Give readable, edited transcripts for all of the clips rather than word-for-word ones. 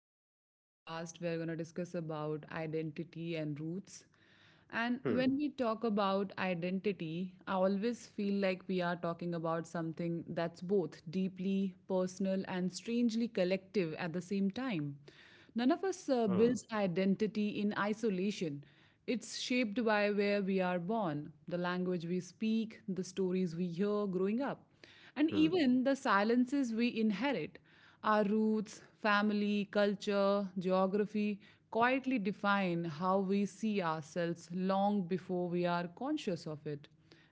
new podcast. We're going to discuss about identity and roots. And Hmm, when we talk about identity, I always feel like we are talking about something that's both deeply personal and strangely collective at the same time. None of us hmm, builds identity in isolation. It's shaped by where we are born, the language we speak, the stories we hear growing up. And hmm, even the silences we inherit, our roots, family, culture, geography, quietly define how we see ourselves long before we are conscious of it.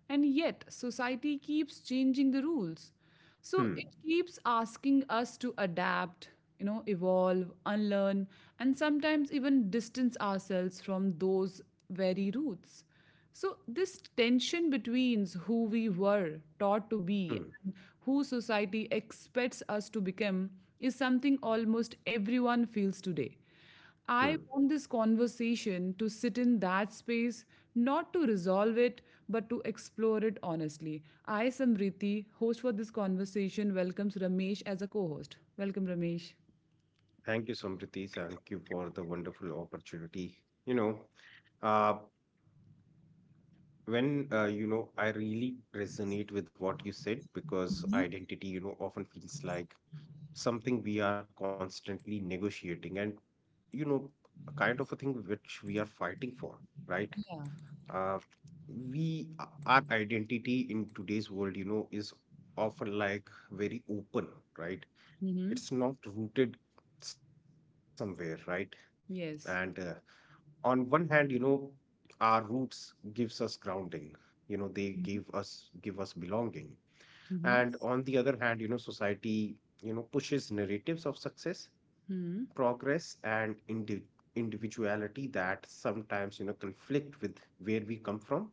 And yet, society keeps changing the rules. So hmm, it keeps asking us to adapt, evolve, unlearn, and sometimes even distance ourselves from those very roots. So, this tension between who we were taught to be hmm, and who society expects us to become is something almost everyone feels today. I hmm. want this conversation to sit in that space, not to resolve it, but to explore it honestly. I, Samriti, host for this conversation, welcomes Ramesh as a co host. Welcome, Ramesh. Thank you, Samriti. Thank you for the wonderful opportunity. You know, uh, when I really resonate with what you said, because identity, often feels like something we are constantly negotiating, and, you know, a kind of a thing which we are fighting for, right? Yeah. Uh, we Our identity in today's world, is often like very open, right? Hmm. It's not rooted somewhere, right? And Yes. on one hand, our roots gives us grounding. They give us Mm-hmm. Belonging. And on the other hand, society pushes narratives of success, Hmm. progress, and individuality that sometimes conflict with where we come from.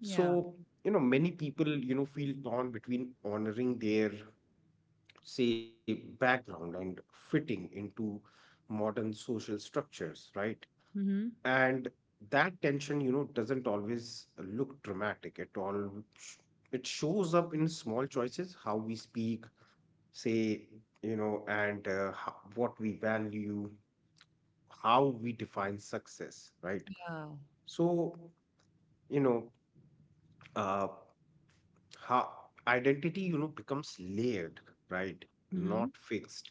Yeah. So, many people feel torn between honoring their, say, background and fitting into modern social structures, right? Hmm. And that tension, doesn't always look dramatic at all. sh- it shows up in small choices: how we speak, say, and what we value, how we define success, right? Yeah. So, you know uh how identity becomes layered, right? Not Mhm, fixed.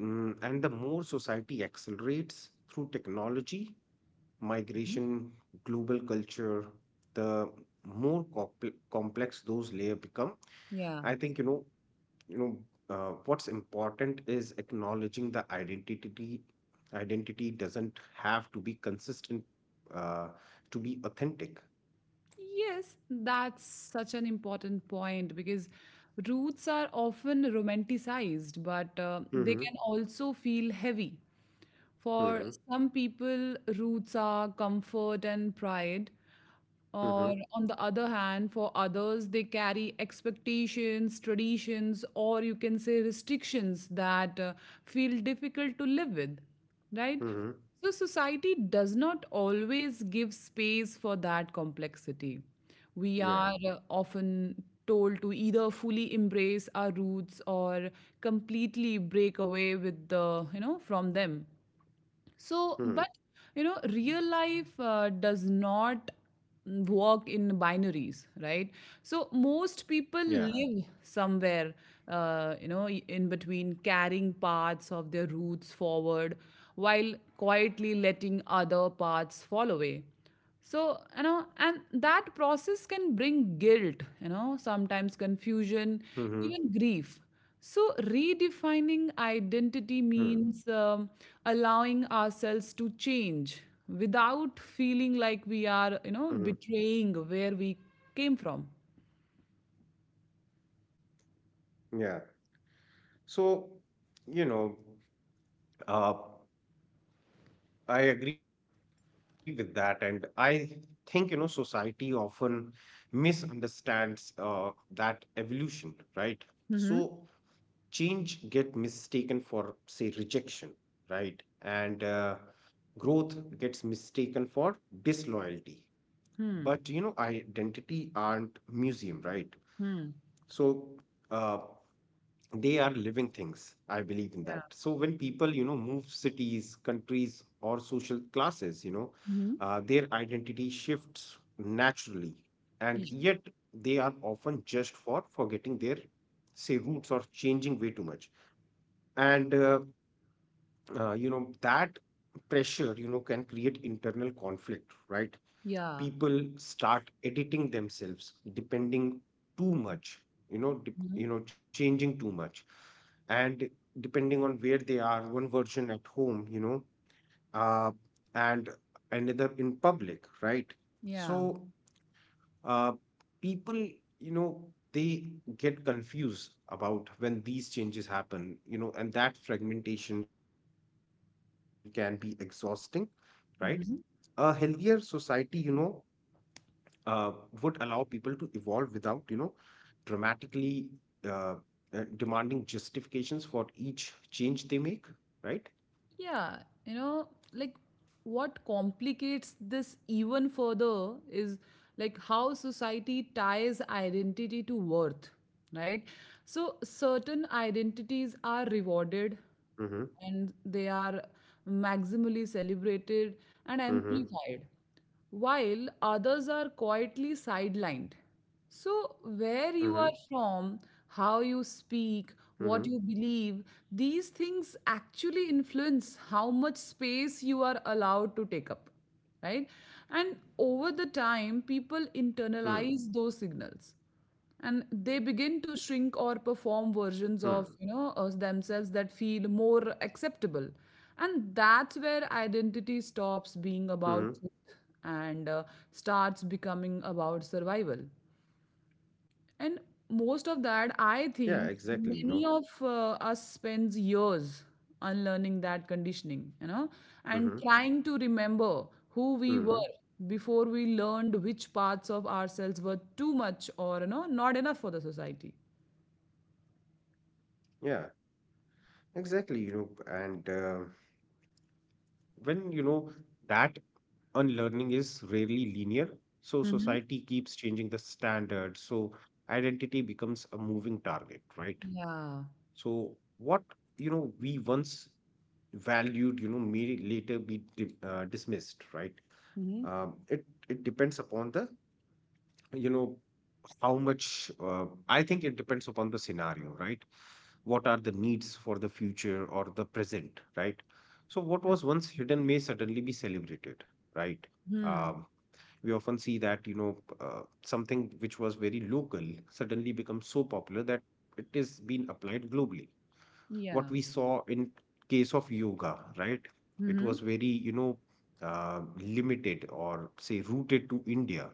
Mm, and the more society accelerates through technology, mhm. migration, global culture, the more complex those layers become. Yeah. I think, you know, what's important is acknowledging the identity. Identity doesn't have to be consistent, uh, to be authentic. Yes, that's such an important point because roots are often romanticized, but they Mm-hmm. can also feel heavy. For Mm-hmm. some people, roots are comfort and pride. Or, Mm-hmm. on the other hand, for others, they carry expectations, traditions, or you can say restrictions that feel difficult to live with, right? Mm-hmm. So, society does not always give space for that complexity. We are Yeah. Often told to either fully embrace our roots or completely break away with the, you know, from them. Mm-hmm. So, but real life does not work in binaries, right? So, most Yeah. people live somewhere, in between, carrying parts of their roots forward while quietly Mm-hmm. letting other parts fall away. So, and Yeah. that process can bring guilt, sometimes Mm-hmm. confusion, even grief. So Mm-hmm. redefining identity means allowing ourselves to change without feeling like we are betraying where we came from. Yeah. So, you know, uh, I agree with that. And I think, society often misunderstands that evolution, right? So, change get mistaken for, Mm-hmm. say, rejection, right? And growth gets mistaken for disloyalty. But, identity aren't Hmm. museum, right? So, uh, Hmm. they are living things, I believe in that. So when people move Yeah. cities, countries, or social classes, their identity Hmm. shifts naturally. And yet they Yeah. are often just for forgetting their, say, roots, or changing way too much. And that pressure, can create internal conflict, right? Yeah. People start editing themselves, depending too much, you know dep Hmm. you know changing too much. And depending on where they are. One version at home, uh, and another in public, right? So, Yeah. uh, people, you know they get confused about when these changes happen, and that fragmentation can be exhausting, right? A healthier Mhm. society, uh, would allow people to evolve without, dramatically uh, demanding justifications for each change they make, right? Yeah, you know, like what complicates this even further is like how society ties identity to worth, right? So Mm-hmm. certain identities are rewarded, and they are Mm-hmm. maximally celebrated and amplified, while others are Mm-hmm. quietly sidelined. So, where you are Mm-hmm. from, how you speak, what you believe, these things actually influence how much space you are allowed to take up, right? And Hmm. over the time, people internalize those signals, and they Hmm. begin to shrink or perform versions of us themselves that feel more acceptable. And that's where Mm-hmm. identity stops being about truth and starts becoming about survival. And Yeah, most exactly, of you know. that, I think many of us spends years unlearning that Mm-hmm. conditioning, and trying to Mm-hmm. remember who we were before we learned which parts of ourselves were too much or, not enough for the society. Yeah, exactly. And when, that unlearning is rarely linear, so Mhm. society keeps changing the standard, so identity becomes a moving target, right? Yeah. So what, we once valued, may later be dismissed, right? Hmm. It it depends upon the, you know, how much. I think it depends upon the scenario, right? What are the needs for the future or the present, right? So what was once hidden may suddenly be celebrated, right? Hmm. Um, we often see that, something which was very local suddenly becomes so popular that it is being applied globally. What Yeah. we saw in case of yoga, right? It Hmm. was very, limited, or say, rooted to India.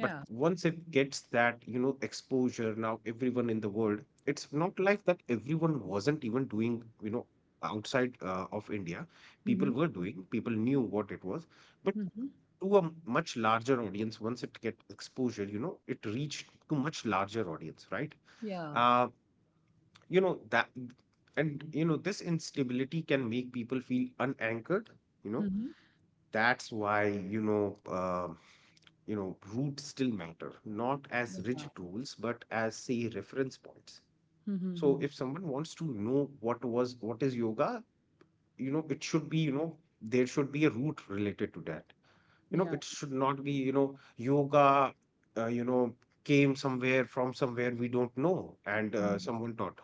But once it gets that, exposure now, everyone in the world, it's not like that everyone wasn't even doing, outside of India. People Hmm. were doing, people knew what it was. But Hmm. to a much larger audience, once it get exposure, it reached to much larger audience, right? Yeah. Uh, you know that and you know This instability can make people feel unanchored, you know Hmm. that's why, roots still matter, not as Yeah. rigid rules, but as, say, reference points. Hmm. So if someone wants to know what is yoga, you know it should be you know there should be a root related to that. you know Yeah. it should not be, yoga uh, you know came somewhere from somewhere we don't know, and Mhm. someone taught,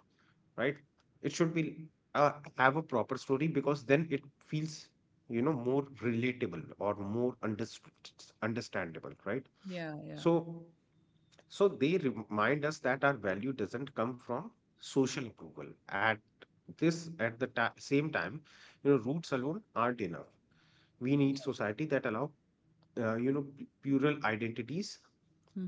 right? It should be uh, have a proper story, because then it feels, more relatable, or more understood understandable, right? Yeah. Yeah. So, so, they remind us that our value doesn't come from social approval. At this, at the ta same time, roots alone aren't enough. We need society that allow, plural identities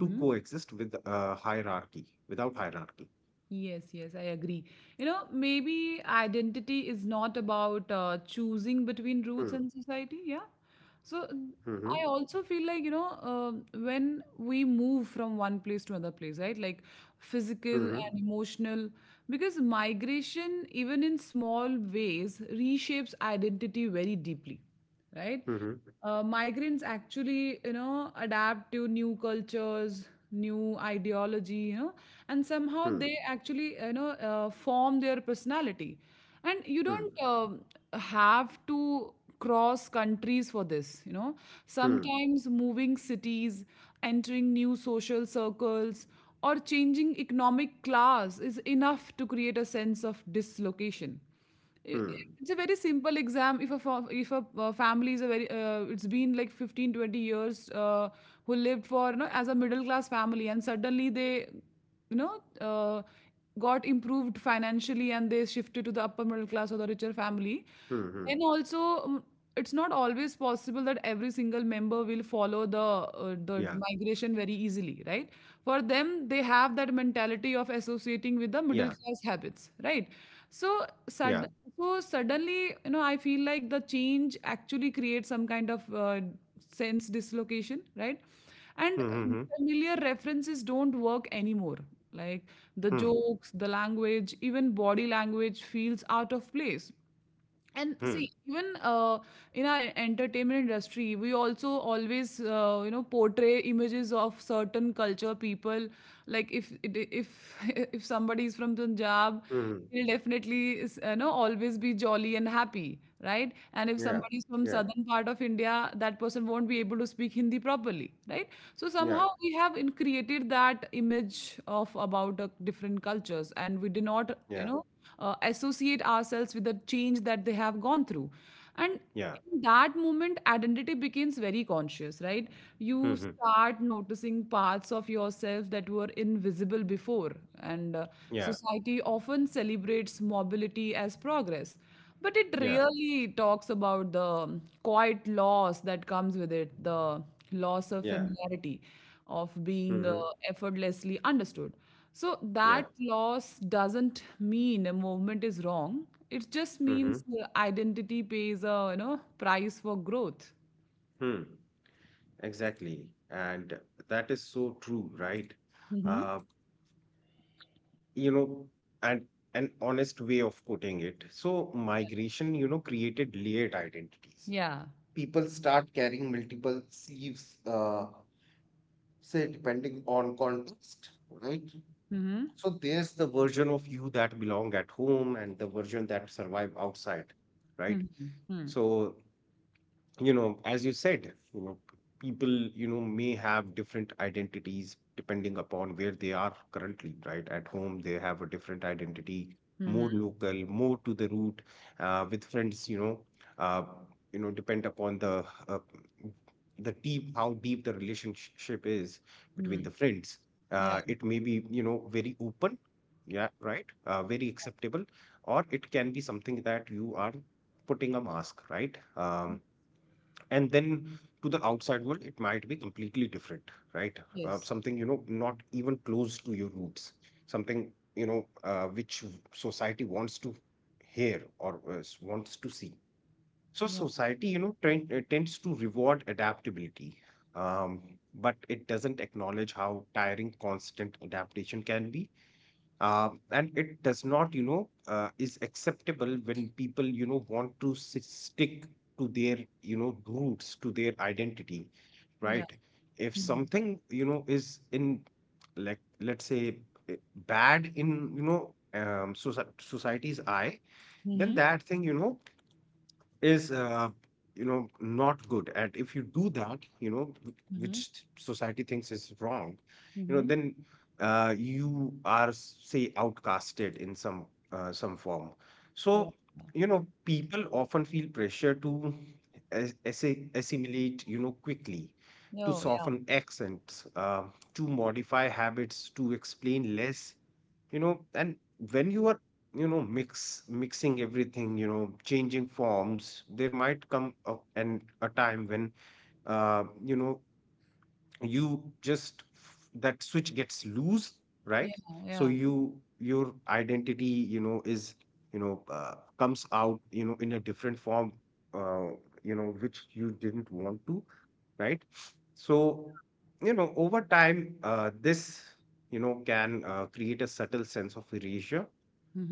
to coexist with, hierarchy, without hierarchy. Yes, yes, I agree. You know, maybe identity is not about choosing between roots Hmm. and society. Yeah. So Hmm. I also feel like, when we move from one place to another place, right? Like physical Hmm. and emotional, because migration, even in small ways, reshapes identity very deeply, right? Hmm. Migrants actually, adapt to new cultures, new ideology, and somehow Hmm. they actually, form their personality. And you don't Hmm. Have to cross countries for this. Hmm. Sometimes moving cities, entering new social circles, or changing economic class is enough to create a sense of dislocation. I- i- Hmm. it's a very simple exam if a family is a very it's been like 15-20 years who lived for as a middle class family, and suddenly they you know uh, got improved financially and they shifted to the upper middle class or the richer family. Hmm. Hmm. Then also, mm, it's not always possible that every single member will follow the Yeah. migration very easily, right? For them, they have that mentality of associating with the middle Yeah. class habits, right? So, Yeah. sud- so suddenly, I feel like the change actually creates some kind of sense dislocation, right? Hmm. And Hmm. Hmm. Familiar references don't work anymore. Like the jokes, the language, even body language feels out of place. And Hmm. see, even in our entertainment industry, we also always portray images of certain culture people. Like if if somebody is from Punjab, Hmm. Hmm. he'll definitely is, always be jolly and happy, right? And if Yeah. somebody is from Yeah. southern part of India, that person won't be able to speak Hindi properly, right? So Yeah. somehow we have in created that image of about different cultures, and we do not, Yeah. Associate ourselves with the change that they have gone through, and Yeah. in that moment identity becomes very conscious, right? Hmm. You Hmm. start noticing parts of yourself that were invisible before. And Yeah. society often celebrates mobility as progress, but it Yeah. rarely talks about the quiet loss that comes with it, the loss of Yeah. familiarity, of Hmm. being Hmm. effortlessly understood. So Yeah. that loss doesn't mean a movement is wrong. It just Hmm. Hmm. means the identity pays a price for growth. Hmm. Exactly. And that is so true, right? Hmm. Uh, you know, and an honest way of putting it. So migration, created layered identities. Yeah. People start carrying multiple sleeves, say depending on context, right? Hmm. So there's the version of you that belong at home, and the version that survive outside, right? Hmm. Hmm. So, as you said, people may have different identities depending upon where they are currently, right? At home they have a different identity, more Hmm. local, more to the root. With friends, uh, depend upon the deep how deep the relationship is between the Hmm. friends. Yeah. It may be, very open. Yeah, right, very acceptable. Or it can be something that you are putting a mask, right? um, and then to the outside world it might be completely different, right? Yes. Something, not even close to your roots. Something, society wants to hear, or wants to see. So Yeah. society, tends to reward adaptability. um, but it doesn't acknowledge how tiring constant adaptation can be. And it does not, is acceptable when people, want to stick to their, roots, to their identity, Yeah. right? If Hmm. something, is in, like, let's say, eh, bad in, society's eye, then Hmm. that thing, is, not good. And if you do that, Hmm. which society thinks is wrong, Hmm. then, you are, say, outcasted in some, some form. Yeah. So, people often feel pressure to assimilate, quickly: to No. Yeah. soften accents, to modify habits, to explain less, and when you are, mixing everything, changing forms, there might come a time when, uh, you know you just, that switch gets loose, Yeah. right? So Yeah. Your identity, you know is you know comes out, in a different form, uh, which you didn't want to, right? So, over time, this, can, create a subtle sense of erasure.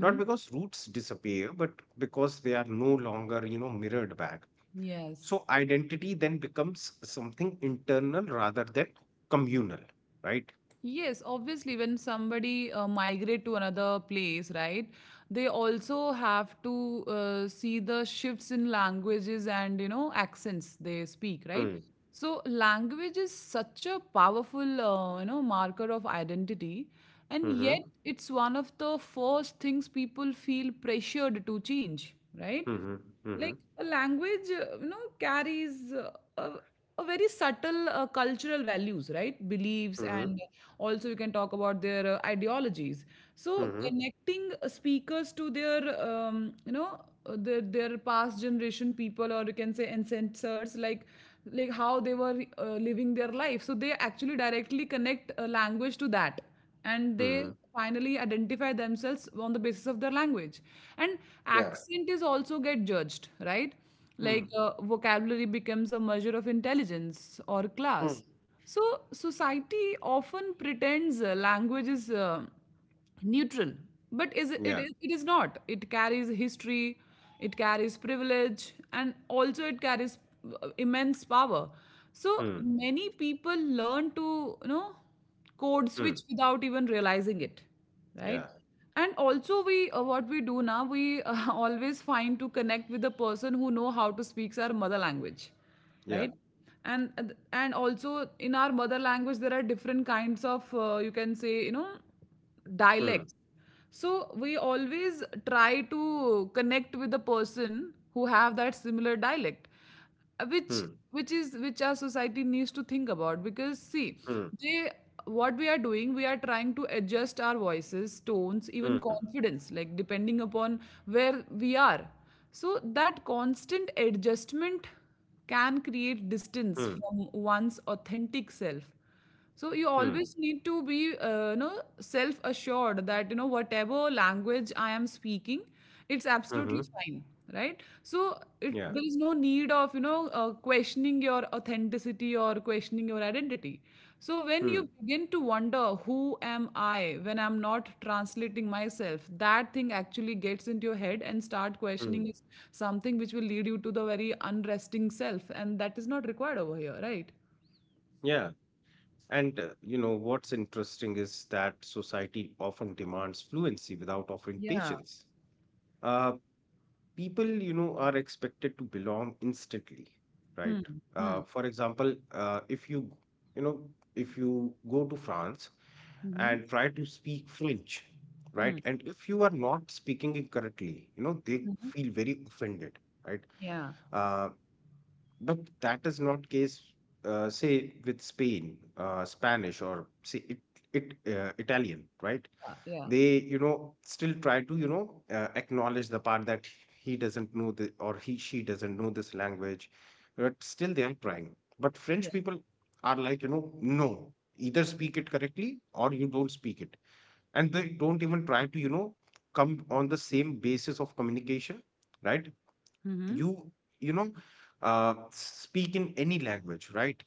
Not because roots disappear, but because they are no longer, mirrored back. Yes. So identity then becomes something internal rather than communal, right? Yes, obviously, when somebody migrate to another place, right? They also have to see the shifts in languages and accents they speak, right? Mm. So language is such a powerful marker of identity, and yet Mm-hmm. it's one of the first things people feel pressured to change, right? Mm-hmm. Like Mm-hmm. a language carries a, a very subtle cultural values, right, beliefs, Mm-hmm. and also you can talk about their ideologies. So Mm-hmm. connecting speakers to their um, you know their past generation people, or you can say ancestors, like how they were living their life. So they actually directly connect a language to that, and Mm-hmm. they finally identify themselves on the basis of their language. And Yeah. accent is also get judged, right? Mm. Like vocabulary becomes a measure of intelligence or Mm. class. So society often pretends language is neutral, but is it, it Yeah. it is not. It carries history, it carries privilege, and also it carries immense power. So Mm. many people learn to you know code switch Mm. without even realizing it, right? Yeah. And also we what we do now we always find to connect with the person who know how to speaks our mother language, Yeah. right? And also in our mother language there are different kinds of, you can say, Mm. dialects. So we always try to connect with the person who have that similar dialect, which Mm. which our society needs to think about. Because see, Mm. they, what we are doing, we are trying to adjust our voices, tones, even Mm. confidence, like depending upon where we are. So that constant adjustment can create Mm. distance from one's authentic self. So you Mm. always need to be, self-assured that whatever language I am speaking, it's Mm-hmm. absolutely fine, right? So Yeah. there is no need of questioning your authenticity or questioning your identity. So when Mm. you begin to wonder who am I when I'm not translating myself, that thing actually gets into your head and start Mm. questioning is something which will lead you to the very unresting self, and that is not required over here, right? Yeah. And what's interesting is that society often demands fluency without offering Yeah. patience. Uh, People, are expected to belong instantly, Hmm. right? Hmm. For example, you know, if you go to France Mhm. and try to speak French, Mhm. right? And if you are not speaking it correctly, they Mhm. feel very offended, right? Yeah, Uh, but that is not case, say with spain Spanish, or say it, it Italian, right? yeah, yeah, They, still try to, acknowledge the part that he doesn't know the or he she doesn't know this language. But still they are trying. But yeah. French people are like, no, either speak it correctly or you don't speak it. And they don't even try to, come on the same basis of communication, right? Mhm. You you know uh, speak in any language, right?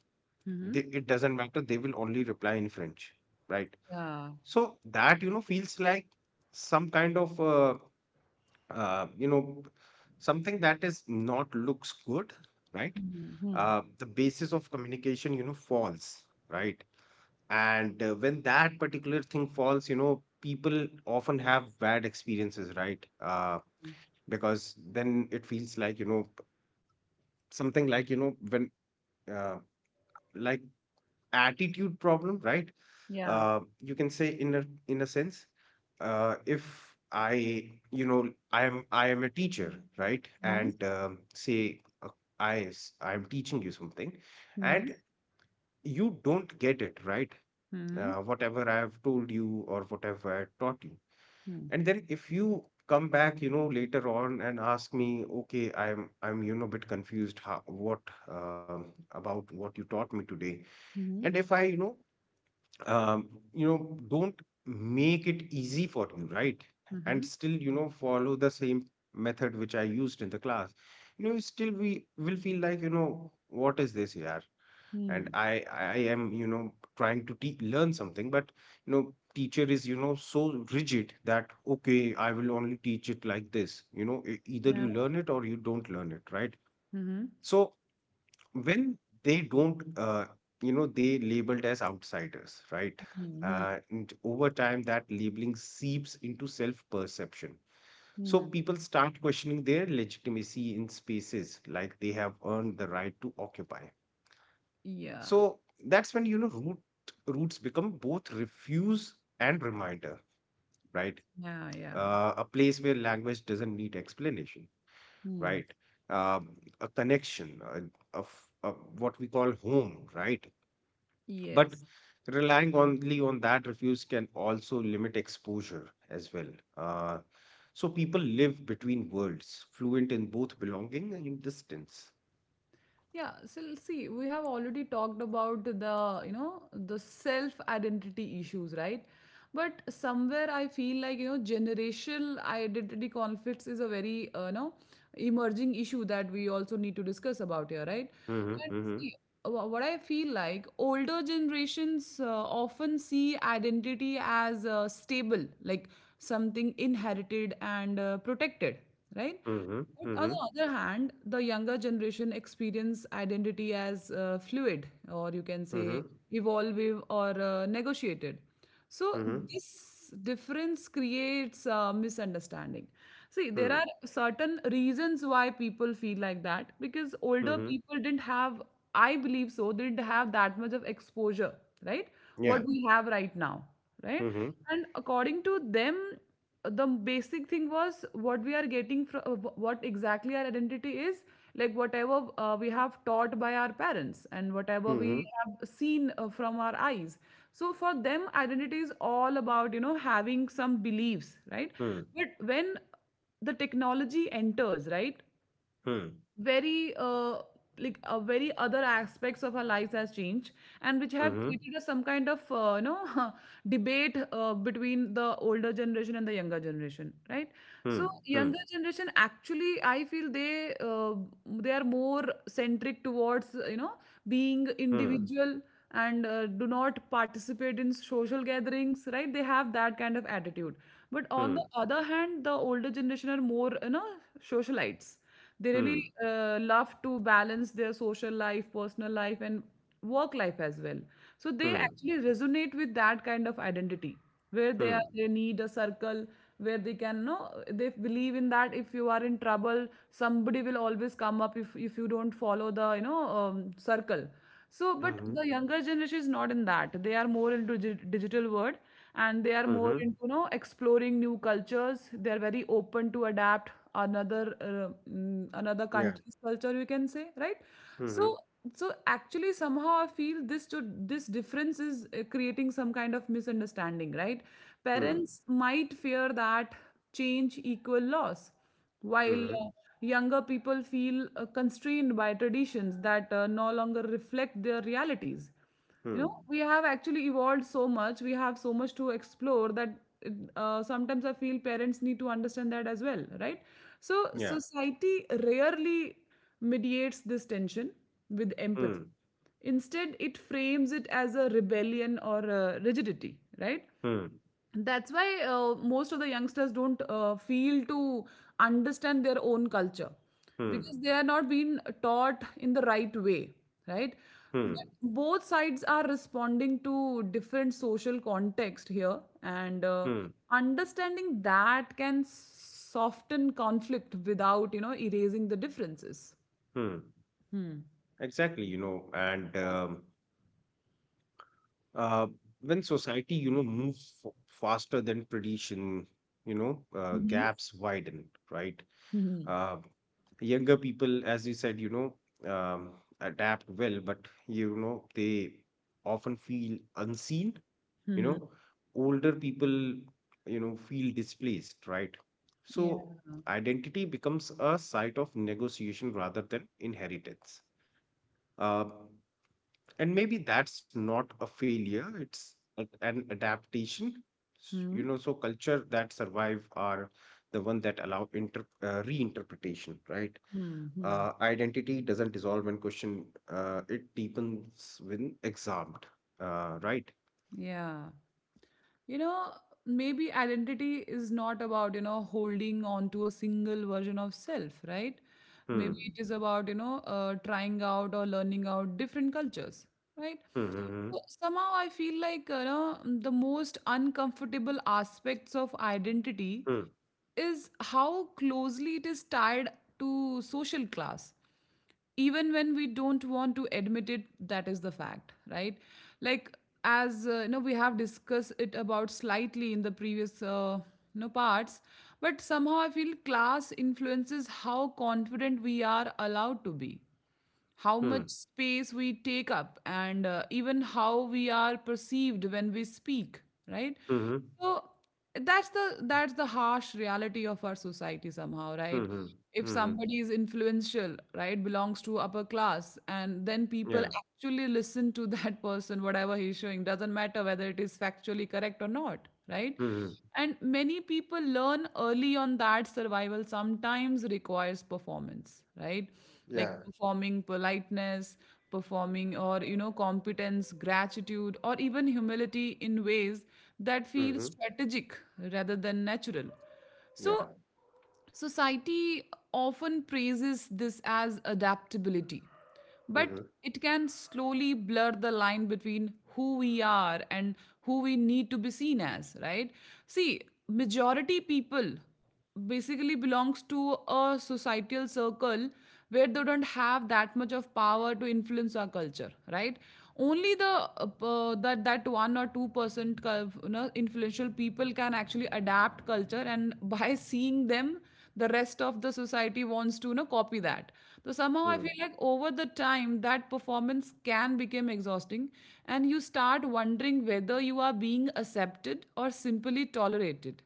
Mhm. It doesn't matter, they will only reply in French, right? Yeah. So that, feels like some kind of, uh, you know something that is not looks good, right? Mhm, mhm. The basis of communication, falls, right? And when that particular thing falls, people often have bad experiences, right? Because then it feels like, you know something like you know when uh, like attitude problem, right? Yeah. You can say, in a sense, if I you know I am a teacher, right? Mhm. And say, I am teaching you something, Mhm. and you don't get it, right? Mhm. Whatever I have told you or whatever I taught you, and then if you come back, you know, later on and ask me, okay, I'm you know a bit confused how, what um, about what you taught me today, and Mhm. if I, um, you know, don't make it easy for you, right? And Mhm. still, you know, follow the same method which I used in the class, you know, still we will feel like, you know, what is this here? Mhm. And Mhm. I am, you know, trying to learn something, but you know, teacher is, you know, so rigid that okay, I will only teach it like this. You know, either Yeah. you learn it or you don't learn it, right? Mhm. So when they don't you know, they labeled as outsiders, right? Mhm. And over time that labeling seeps into self perception, so Mhm. people start questioning their legitimacy in spaces like they have earned the right to occupy. So Yeah, that's when, you know, roots become both refuse and reminder, right? yeah, yeah. A place where language doesn't need explanation, Mhm. right? um, a connection, a what we call home, right? But Yes. relying only on that refuse can also limit exposure as well. Uh, so people live between worlds, fluent in both belonging and in distance. Yeah, so see, we have already talked about the self-identity issues, right? But somewhere I feel like, generational identity conflicts is a very, emerging issue that we also need to discuss about here, right? hmm And hmm see, what I feel like older generations often see identity as stable, like something inherited and protected, right? hmm But on the other hand, the younger generation experience identity as fluid, or you can hmm say evolving or negotiated. So hmm hmm this difference creates misunderstanding. See, there hmm are certain reasons why people feel like that because older hmm people didn't have, I believe so, didn't have that much of exposure, right? Yeah. What we have right now, right? hmm And according to them, the basic thing was what we are getting from what exactly our identity is, like whatever we have taught by our parents and whatever we hmm have seen from our eyes. So for them, identity is all about, you know, having some beliefs, right? hmm But when the technology enters, right, hmm very like very other aspects of our lives has changed, and which hmm have hmm created a some kind of you know, debate between the older generation and the younger generation, right? So hmm younger generation, actually I feel they are more centric towards, you know, being hmm individual, and do not participate in social gatherings, right? They have that kind of attitude. But on hmm the other hand, the older generation are more, you know, socialites. They really hmm love to balance their social life, personal life, and work life as well. So they hmm actually resonate with that kind of identity, where they are, they need a circle where they can know, they believe in that if you are in trouble, somebody will always come up if you don't follow the, you know, circle. So hmm but the hmm younger generation is not in that. They are more into digital world, and they are more hmm into, you know, exploring new cultures. They are very open to adapt another another Yeah. country's culture, you can say, right? so hmm so actually, somehow I feel this to this difference is creating some kind of misunderstanding, right? hmm Parents might fear that change equal loss, while hmm younger people feel constrained by traditions that no longer reflect their realities. You know, hmm we have actually evolved so much, we have so much to explore, that sometimes I feel parents need to understand that as well, right? So Yeah. society rarely mediates this tension with empathy. Hmm. Instead, it frames it as a rebellion or a rigidity, right? Hmm. That's why most of the youngsters don't feel to understand their own culture, Hmm. because they are not being taught in the right way, right? Hmm. But both sides are responding to different social context here, and Hmm. understanding that can soften conflict without, you know, erasing the differences. Hmm. Hmm. Exactly, you know, and uh, when society, you know, moves f faster than tradition, you know, Mm-hmm. gaps widen, right? Uh, Younger people, as you said, you know, adapt well, but you know, they often feel unseen, you Mm-hmm. know. Older people, you know, feel displaced, right? Yeah. So identity becomes a site of negotiation rather than inheritance. Uh, and maybe that's not a failure, it's an adaptation. You Mm-hmm. know, so culture that survive are the one that allow inter reinterpretation, right? Mm-hmm. Identity doesn't dissolve when questioned, it deepens when examined, right? Yeah. You know, maybe identity is not about, you know, holding on to a single version of self, right? Hmm. Maybe it is about, you know, trying out or learning out different cultures, right? Hmm. So somehow I feel like, you know, the most uncomfortable aspects of identity Hmm. is how closely it is tied to social class, even when we don't want to admit it. That is the fact, right? Like, as you know, we have discussed it about slightly in the previous you know, parts. But somehow I feel class influences how confident we are allowed to be, how Hmm. much space we take up, and even how we are perceived when we speak, right? Hmm. Hmm. So that's the harsh reality of our society somehow, Hmm. Hmm. right? Hmm. Hmm. If Hmm, hmm. somebody is influential, right, belongs to upper class, and then people Yeah. actually listen to that person, whatever he's showing, doesn't matter whether it is factually correct or not, right? Hmm. Hmm. And many people learn early on that survival sometimes requires performance, right? Like Yeah. performing politeness, performing or, you know, competence, gratitude, or even humility in ways that Hmm. feel Hmm. strategic rather than natural. So Yeah. society often praises this as adaptability, Hmm. Hmm. but it can slowly blur the line between who we are and who we need to be seen as, right? See, majority people basically belongs to a societal circle where they don't have that much of power to influence our culture, right? Only the that that 1 or 2 percent, you know, influential people can actually adapt culture, and by seeing them, the rest of the society wants to, you know, copy that. So somehow I Hmm. feel like over the time that performance can become exhausting, and you start wondering whether you are being accepted or simply tolerated.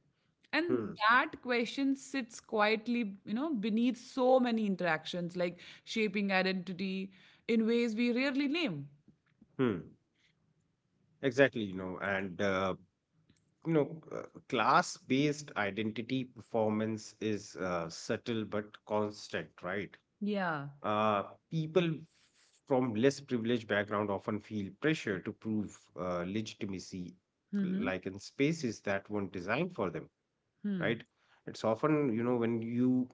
And Hmm. that question sits quietly, you know, beneath so many interactions, like shaping identity in ways we rarely name. Hmm. Exactly, you know. And you know, class-based identity performance is subtle but constant, right? Yeah. Uh, People from less privileged background often feel pressure to prove legitimacy, Mm-hmm. like in spaces that weren't designed for them, Hmm. right? It's often, you know, when you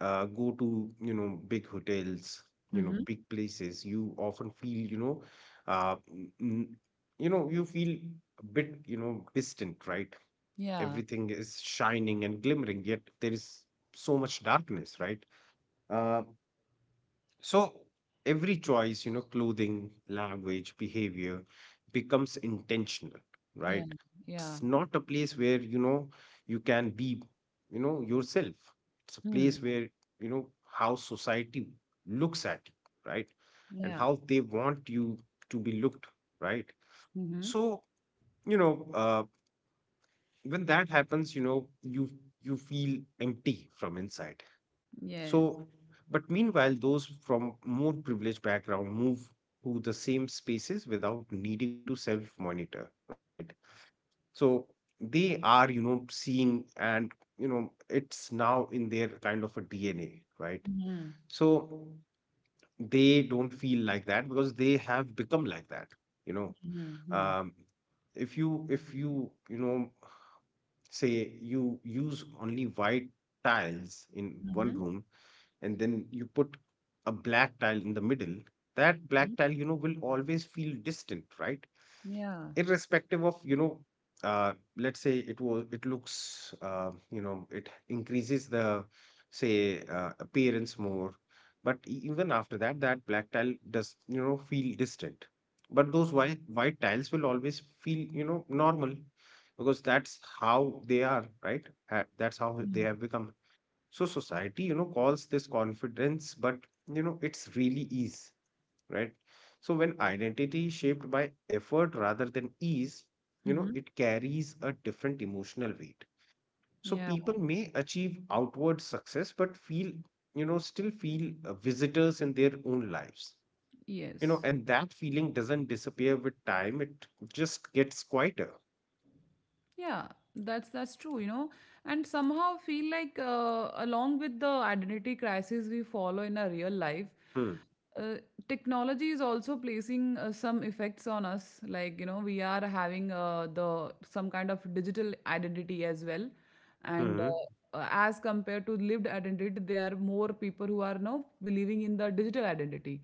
go to, you know, big hotels, you know, Hmm. big places, you often feel, you know, uh, n- n- you know, you feel a bit, you know, distant, right? Yeah, Everything is shining and glimmering, yet there is so much darkness, right? uh, so every choice, you know, clothing, language, behavior becomes intentional, yeah, right? yeah. It's not a place where, you know, you can be, you know, yourself. It's a Hmm. place where, you know, how society looks at you, right? And Yeah. how they want you to be looked, right? Mm-hmm. So you know, when that happens, you know, you feel empty from inside. So Yes. but meanwhile those from more privileged background move to the same spaces without needing to self monitor, right? So they are, you know, seeing and you know it's now in their kind of a dna, right? Mm-hmm. So they don't feel like that because they have become like that, you know. Mm-hmm. um if you you know, say you use only white tiles in one Mm-hmm. room and then you put a black tile in the middle, that Mm-hmm. black tile, you know, will always feel distant, right? Yeah. Irrespective of, you know, let's say it was, it looks, you know, it increases the, say, appearance more. But even after that, that black tile does, you know, feel distant. But those white tiles will always feel, you know, normal because that's how they are, right? That's how they have Mm-hmm. become. So society, you know, calls this confidence, but you know, it's really ease, right? So when identity is shaped by effort rather than ease, you know, Mm-hmm. it carries a different emotional weight. So Yeah. people may achieve outward success, but feel, you know, still feel visitors in their own lives. You know, Yes. and that feeling doesn't disappear with time. It just gets quieter. Yeah, that's true, you know, and somehow feel like along with the identity crisis we follow in our real life, Hmm. uh, technology is also placing some effects on us. Like, you know, we are having the some kind of digital identity as well, and Hmm. As compared to lived identity, there are more people who are now believing in the digital identity,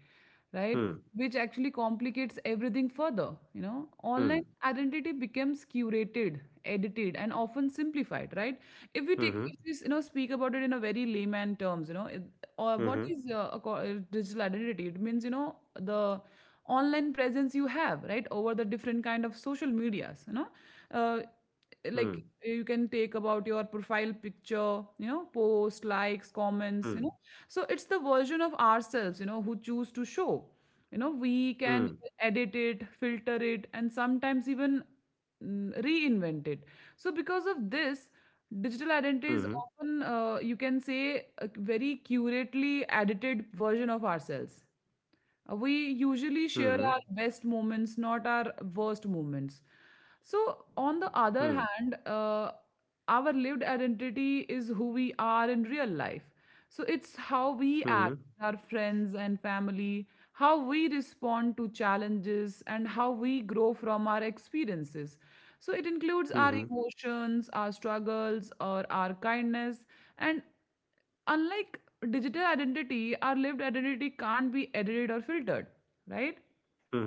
right? Hmm. Which actually complicates everything further. You know, Hmm. online identity becomes curated, edited, and often simplified, right? If we Hmm. take, Hmm. if we, you know, speak about it in a very layman terms, you know, it, or what Hmm. is digital identity, it means, you know, the online presence you have, right, over the different kind of social medias, you know, uh, Hmm. like you can take about your profile picture, you know, post, Hmm. likes, comments, you know. So it's the version of ourselves, you know, who choose to show. Hmm. You know, we can edit it, filter it, and sometimes even reinvent it. So because of this, Hmm. digital identity is often, you can say, a very curately edited version of ourselves. We Mhm, usually share our best moments, not our worst moments. So hmm, on the other hand, our lived identity is who we are in real life. So it's how mhm, we act with our friends and family, how we respond to challenges, and how we grow from our experiences. So it mhm, includes our emotions, our struggles, or our kindness, and unlike digital identity, our lived identity can't be edited or filtered, right? mhm,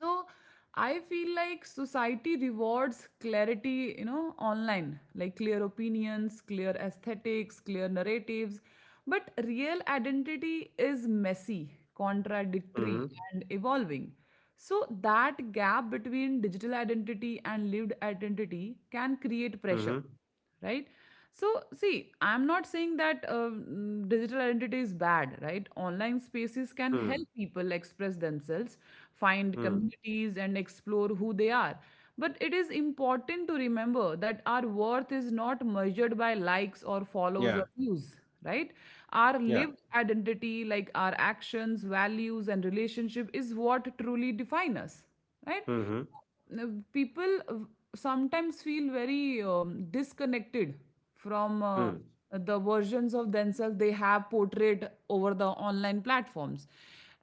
So I feel like society rewards clarity, you know, online, like clear opinions, clear aesthetics, clear narratives. But real identity is messy, mhm, contradictory, and evolving. So that gap between digital identity and lived identity can create pressure, mhm, right? So see, I'm not saying that digital identity is bad, right? Online spaces can hmm, help people express themselves, find hmm. communities, and explore who they are. But it is important to remember that our worth is not measured by likes or follows Yeah, or views, right? Our yeah. lived identity, like our actions, values, and relationship is what truly define us, right? Mhm, People sometimes feel very disconnected from hmm, the versions of themselves they have portrayed over the online platforms,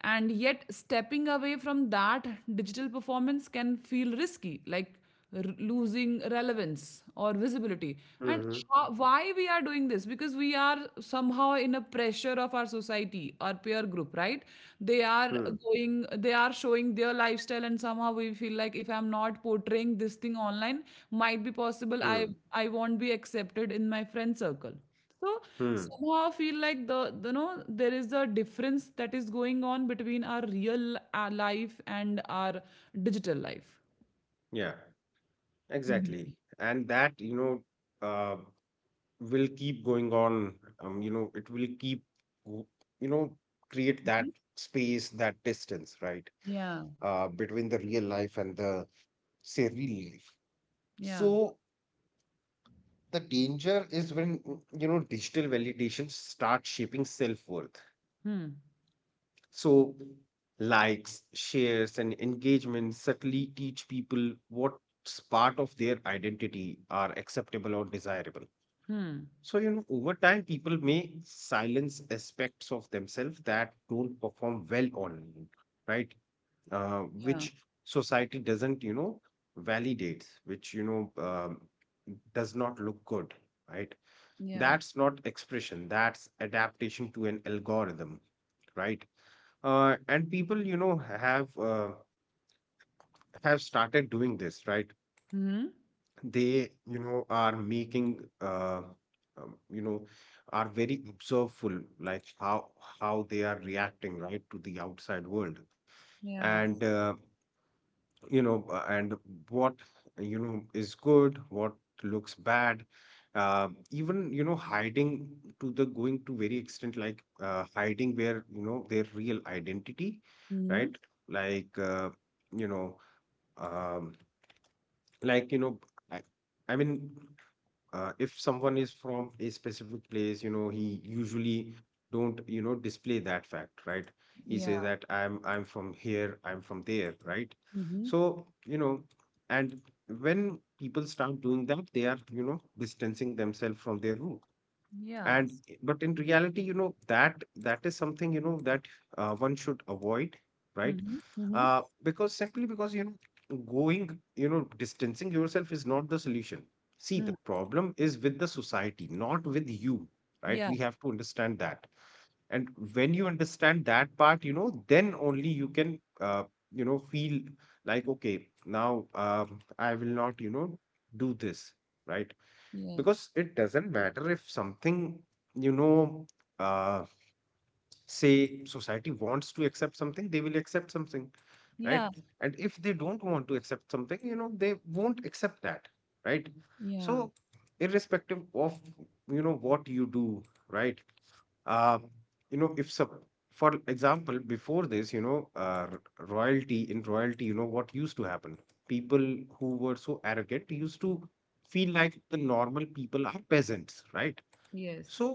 and yet stepping away from that digital performance can feel risky, like losing relevance or visibility. And mhm, how, why we are doing this, because we are somehow in a pressure of our society, our peer group, right? They are hmm, going, they are showing their lifestyle, and somehow we feel like if I'm not portraying this thing online, might be possible hmm, I won't be accepted in my friend circle. So hmm. somehow I feel like you know, there is a difference that is going on between our real life and our digital life. Yeah, Mhm. exactly. And that, you know, uh, will keep going on. You know, it will keep, w- you know, create that space, that distance, right? Yeah, Between the real life and the say real life. yeah. So the danger is when you know, digital validation starts shaping self-worth. Hmm. So likes, shares and engagement subtly teach people what's part of their identity are acceptable or desirable. Hmm. So you know, over time people may silence aspects of themselves that don't perform well online, right? uh, Yeah, which society doesn't, you know, validate, which, you know, does not look good, right? yeah. That's not expression, that's adaptation to an algorithm, right? And people, you know, have started doing this, right? Mhm. They, you know, are making you know, are very observeful, like how they are reacting, right, to the outside world. Yeah. And you know, and what, you know, is good, what looks bad, even, you know, hiding to the going to very extent, like hiding where, you know, their real identity, Mhm. right? Like, you know, um, like, you know, I, I mean, if someone is from a specific place, you know, he usually don't you know display that fact, right? He Yeah. says that I'm from here, I'm from there, right? Mhm. So you know, and when people start doing that, they are, you know, distancing themselves from their root. Yeah. And but in reality, you know, that is something, you know, that one should avoid, right? Mhm. Mhm. Because you know, going you know, distancing yourself is not the solution. See, the Hmm. problem is with the society, not with you, right? Yeah. We have to understand that. And when you understand that part, you know, then only you can you know, feel like okay, now I will not, you know, do this, right? Yes. Because it doesn't matter if something, you know, uh, say society wants to accept something, they will accept something, right? Yeah. And if they don't want to accept something, you know, they won't accept that, right? Yeah. So irrespective of, you know, what you do, right? uh, you know, if some, for example, before this, you know, royalty, in royalty, you know, what used to happen, people who were so arrogant used to feel like the normal people are peasants, right? So Yes.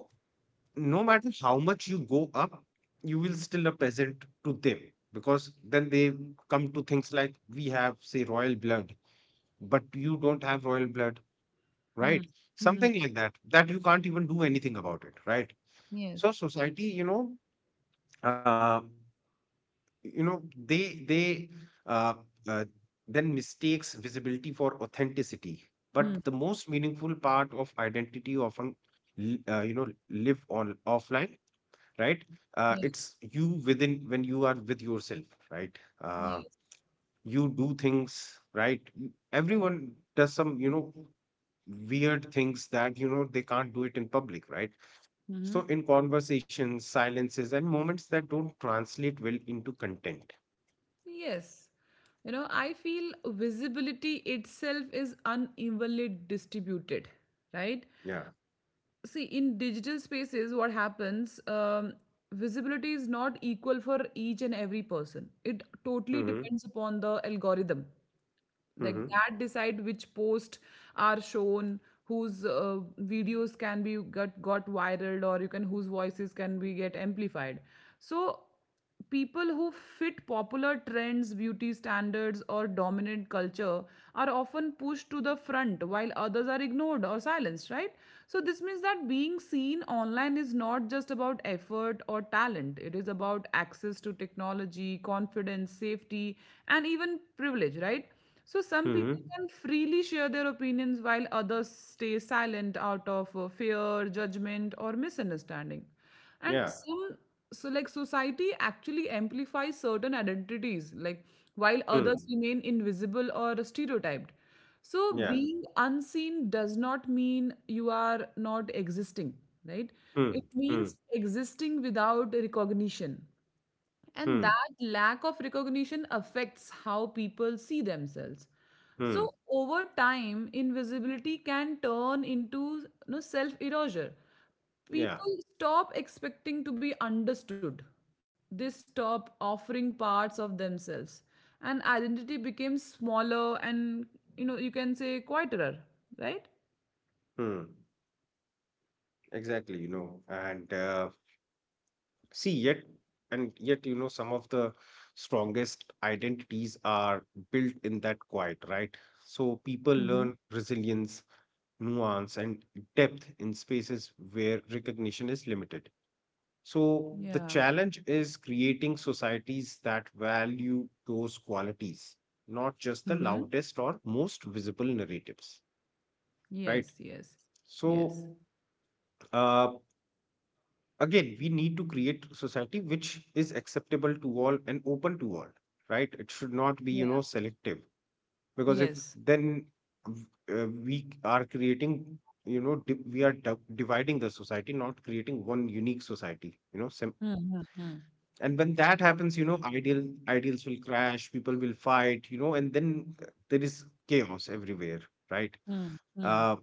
no matter how much you go up, you will still a peasant to them, because then they come to things like we have say royal blood, but you don't have royal blood, Hmm. right? Mhm. Something like that, that you can't even do anything about it, right? Yes. So society, you know, uh, you know, they uh, uh, then mistakes visibility for authenticity. But Hmm. the most meaningful part of identity often you know, live on offline, right? Yeah. It's you within, when you are with yourself, right? Yes. You do things, right? Everyone does some, you know, weird things that, you know, they can't do it in public, right? So Mhm. in conversations, silences and moments that don't translate well into content. Yes. You know, I feel visibility itself is unevenly distributed, right? Yeah. See, in digital spaces, what happens, visibility is not equal for each and every person. It totally Mhm. depends upon the algorithm, like, Mhm. that decide which posts are shown, whose videos can be got viral, or you can, whose voices can be get amplified. So people who fit popular trends, beauty standards, or dominant culture are often pushed to the front, while others are ignored or silenced, right? So this means that being seen online is not just about effort or talent, it is about access to technology, confidence, safety, and even privilege, right? So some people Mhm. can freely share their opinions, while others stay silent out of fear, judgment, or misunderstanding. And Yeah. some, so like society actually amplifies certain identities, like, while others Mm. remain invisible or stereotyped. So Yeah. being unseen does not mean you are not existing, right? Mm. It Mm. means existing without recognition. And Mm. that lack of recognition affects how people see themselves. Mm. So over time, invisibility can turn into, you know, self erasure. Yeah. People stop expecting to be understood, they stop offering parts of themselves, and identity becomes smaller and, you know, you can say quieter, right? Mm. Exactly, you know. See, yet, and yet, you know, some of the strongest identities are built in that quiet, right? So people Hmm. learn resilience, nuance, and depth in spaces where recognition is limited. So the Yeah. challenge is creating societies that value those qualities, not just the Mm-hmm. loudest or most visible narratives, right? Yes, yes, yes, So uh, again, we need to create society which is acceptable to all and open to all, right? It should not be yeah. selective because if Yes. then v- we are creating, dividing the society, not creating one unique society, Mm-hmm. Mm-hmm. and when that happens ideals will crash, people will fight and then there is chaos everywhere, right? Mm-hmm. uh,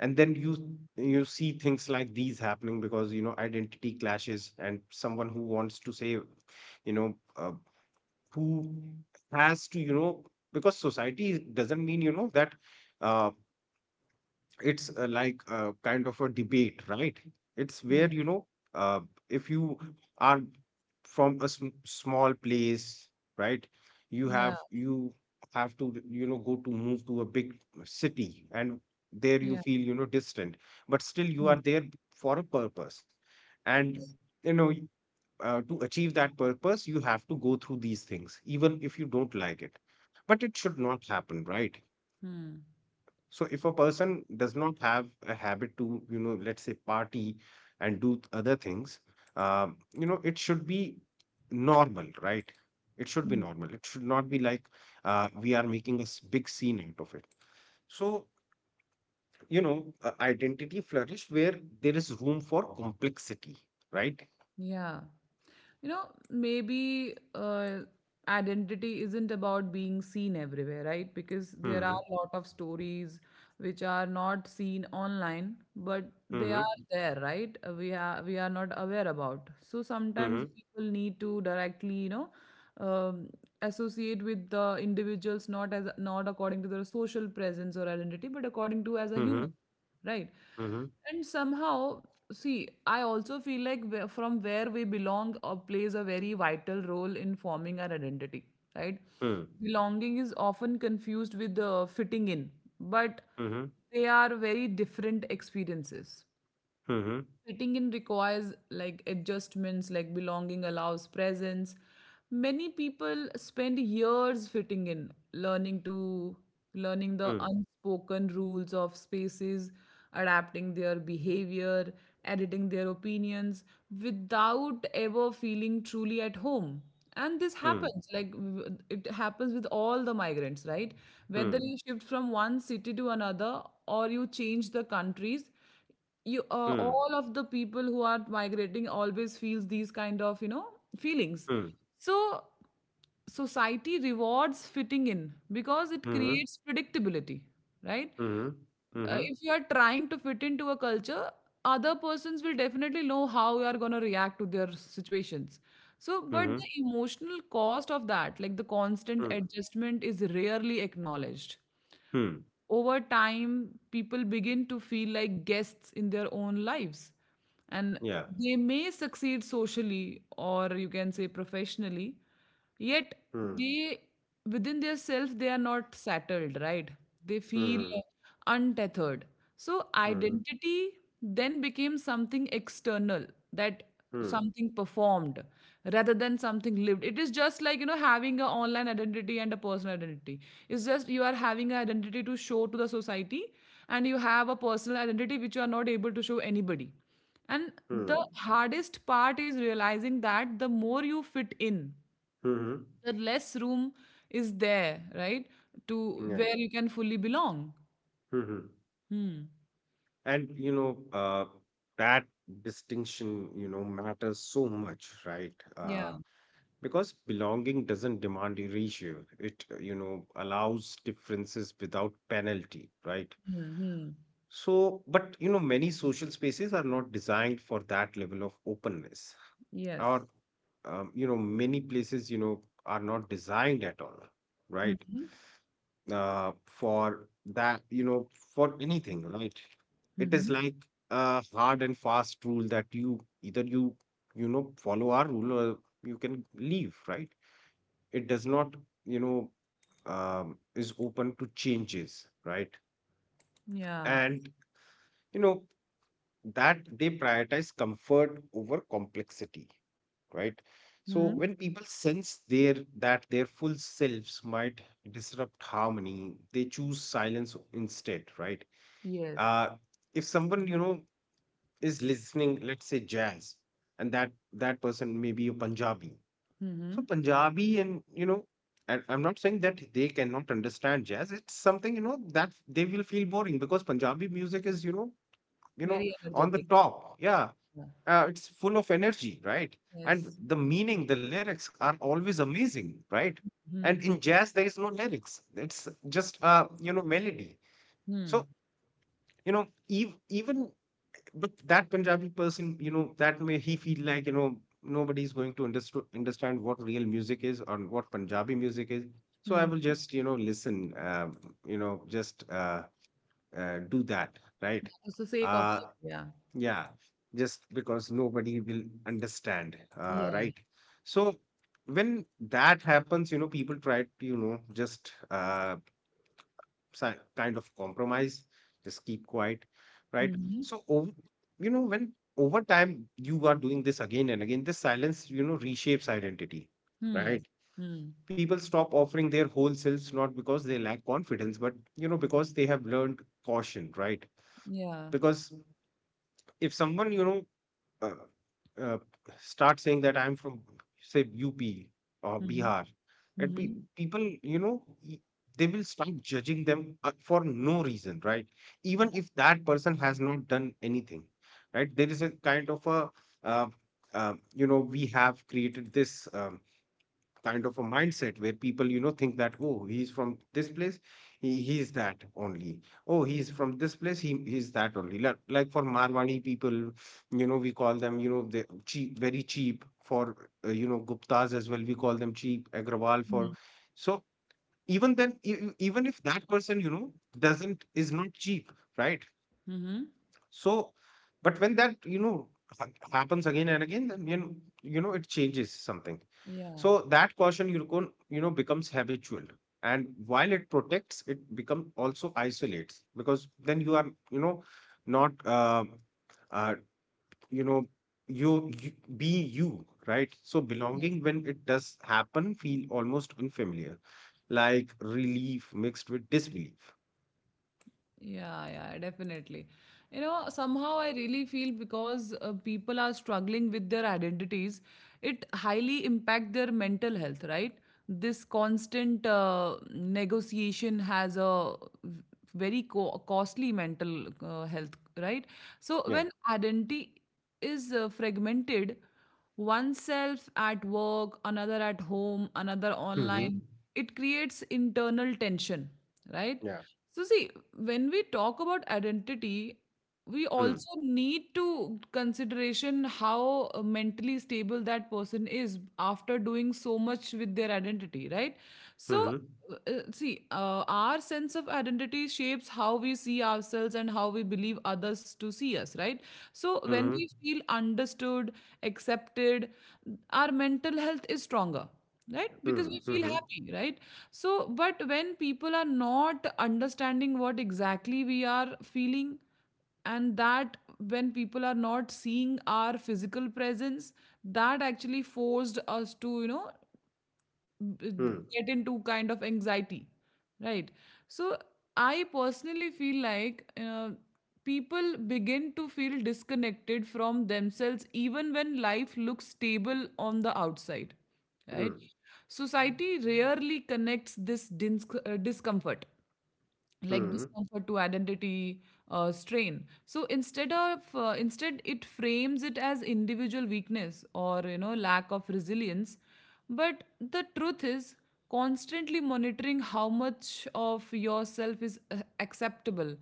and then you see things like these happening because identity clashes, and someone who wants to say you know uh, who has to, you know, because society doesn't mean, you know, that uh, it's like a kind of a debate, right? It's where Mm. Uh, if you are from a small place, right? you Yeah. have you have to, you know, go to move to a big city, and there you Yeah. feel, you know, distant. But still you Mm. are there for a purpose. And you know y- uh, to achieve that purpose you have to go through these things, even if you don't like it. But it should not happen, right? Mm. So if a person does not have a habit to, let's say, party and do other things, it should be normal, right? It should be Mm. normal. It should not be like we are making a big scene out of it. So, identity flourish where there is room for complexity, right? Yeah. you know Maybe identity isn't about being seen everywhere, right? Because there are Mm-hmm. a lot of stories which are not seen online, but they Mm-hmm. are there, right? We are not aware about. So sometimes Mm-hmm. people need to directly um, associate with the individuals, not as not according to their social presence or identity, but according to as a human, Mm-hmm. right? Mm-hmm. And somehow, see, I also feel like from where we belong plays a very vital role in forming our identity, right? Belonging is often confused with fitting in, but Mm-hmm. Mm-hmm. they are very different experiences. Mm-hmm. Fitting in requires like adjustments, like belonging allows presence. Many people spend years fitting in, learning the unspoken rules of spaces, adapting their behavior, editing their opinions without ever feeling truly at home. And this Mm-hmm. happens, like it happens with all the migrants, right? Whether you shift from one city to another or you change the countries, you Mm-hmm. all of the people who are migrating always feels these kind of feelings. So society rewards fitting in because it Mm-hmm. creates predictability, right? Mm-hmm. Mm-hmm. If you are trying to fit into a culture, other persons will definitely know how you are going to react to their situations. So, but the Mhm. emotional cost of that, like the constant Mm. adjustment, is rarely acknowledged. Mm. Over time, people begin to feel like guests in their own lives. And Yeah. they may succeed socially, or you can say professionally, yet Mm. they, within their self, they are not settled, right? They feel Mhm. untethered. So Mhm. identity then became something external, that Mm. something performed rather than something lived. It is just like, you know, having an online identity and a personal identity. It's just you are having an identity to show to the society, and you have a personal identity which you are not able to show anybody. And the Mm. hardest part is realizing that the more you fit in, Mhm. the less room is there, right, to Yeah. where you can fully belong. Mhm. Hmm. And uh, that distinction, matters so much, right? Yeah. Because belonging doesn't demand erasure. It, allows differences without penalty, right? Hmm. Hmm. So, but many social spaces are not designed for that level of openness. Yes. Or many places are not designed at all, Hmm. right? Hmm. For that, for anything, right? Hmm. It is Hmm. like a hard and fast rule that you either follow our rule or you can leave, right? It does not you know is open to changes, right? Yeah. And you know that they prioritize comfort over complexity, right? So Hmm. when people sense their that their full selves might disrupt harmony, they choose silence instead, right? Yes. Uh, if someone is listening, let's say, jazz, and that person may be a Punjabi. So Mhm. Punjabi and I'm not saying that they cannot understand jazz. It's something that they will feel boring because Punjabi music is, you know Very on the energetic. top, yeah. Yeah. It's full of energy, right? And Yes. the meaning, the lyrics are always amazing, right? And Hmm. in jazz, there is no lyrics; it's just melody. Hmm. So, even, but that Punjabi person, that may he feel like nobody's going to understand what real music is or what Punjabi music is. So I Hmm. will just listen, you know, just do that, right? It's the sake of Uh, it. Yeah. yeah, just because nobody will understand, Yeah. right? So when that happens, people try to, kind of compromise, just keep quiet, right? Mhm. So, ov- you know, when over time you are doing this again and again, this silence, reshapes identity, Hmm. right? Hmm. People stop offering their whole selves, not because they lack confidence, but, because they have learned caution, right? Yeah. Because if someone uh, uh, start saying that I'm from, say, UP or Mhm. Bihar, that Mhm. people, they will start judging them for no reason, right? Even if that person has not done anything, right? There is a kind of a, uh, we have created this. Kind of a mindset where people think that, oh, he's from this place, he's that only. Oh, he's from this place, he's that only. Like, for marwani people, we call them, they cheap, very cheap for, guptas as well, we call them cheap agrawal for. Mhm. So even then even if that person doesn't, is not cheap, right. Mhm. So but when that happens again and again, then it changes something. Yeah. So that caution, you can, becomes habitual, and while it protects it become also isolates, because then you are you know not, uh, you know you, you be you, right? So belonging, when it does happen, feel almost unfamiliar, like relief mixed with disbelief. Yeah, yeah, definitely. You know, somehow I really feel, because people are struggling with their identities, it highly impact their mental health, right? This constant negotiation has a v- very costly mental health, right? So Yeah. when identity is fragmented, oneself at work, another at home, another Mm-hmm. online, it creates internal tension, right? Yeah. So see, when we talk about identity, we Hmm. also need to consideration how mentally stable that person is after doing so much with their identity, right? So Hmm. See, our sense of identity shapes how we see ourselves and how we believe others to see us, right? So when Hmm. we feel understood, accepted, our mental health is stronger, right? Because Hmm. we feel Mm-hmm. happy, right? So, but when people are not understanding what exactly we are feeling, and that when people are not seeing our physical presence, that actually forced us to, you know, b- Hmm. get into kind of anxiety, right? So I personally feel like people begin to feel disconnected from themselves even when life looks stable on the outside, right? Hmm. Society rarely connects this discomfort, like Hmm. discomfort to identity strain. So instead it frames it as individual weakness, or you know, lack of resilience. But the truth is, constantly monitoring how much of yourself is acceptable,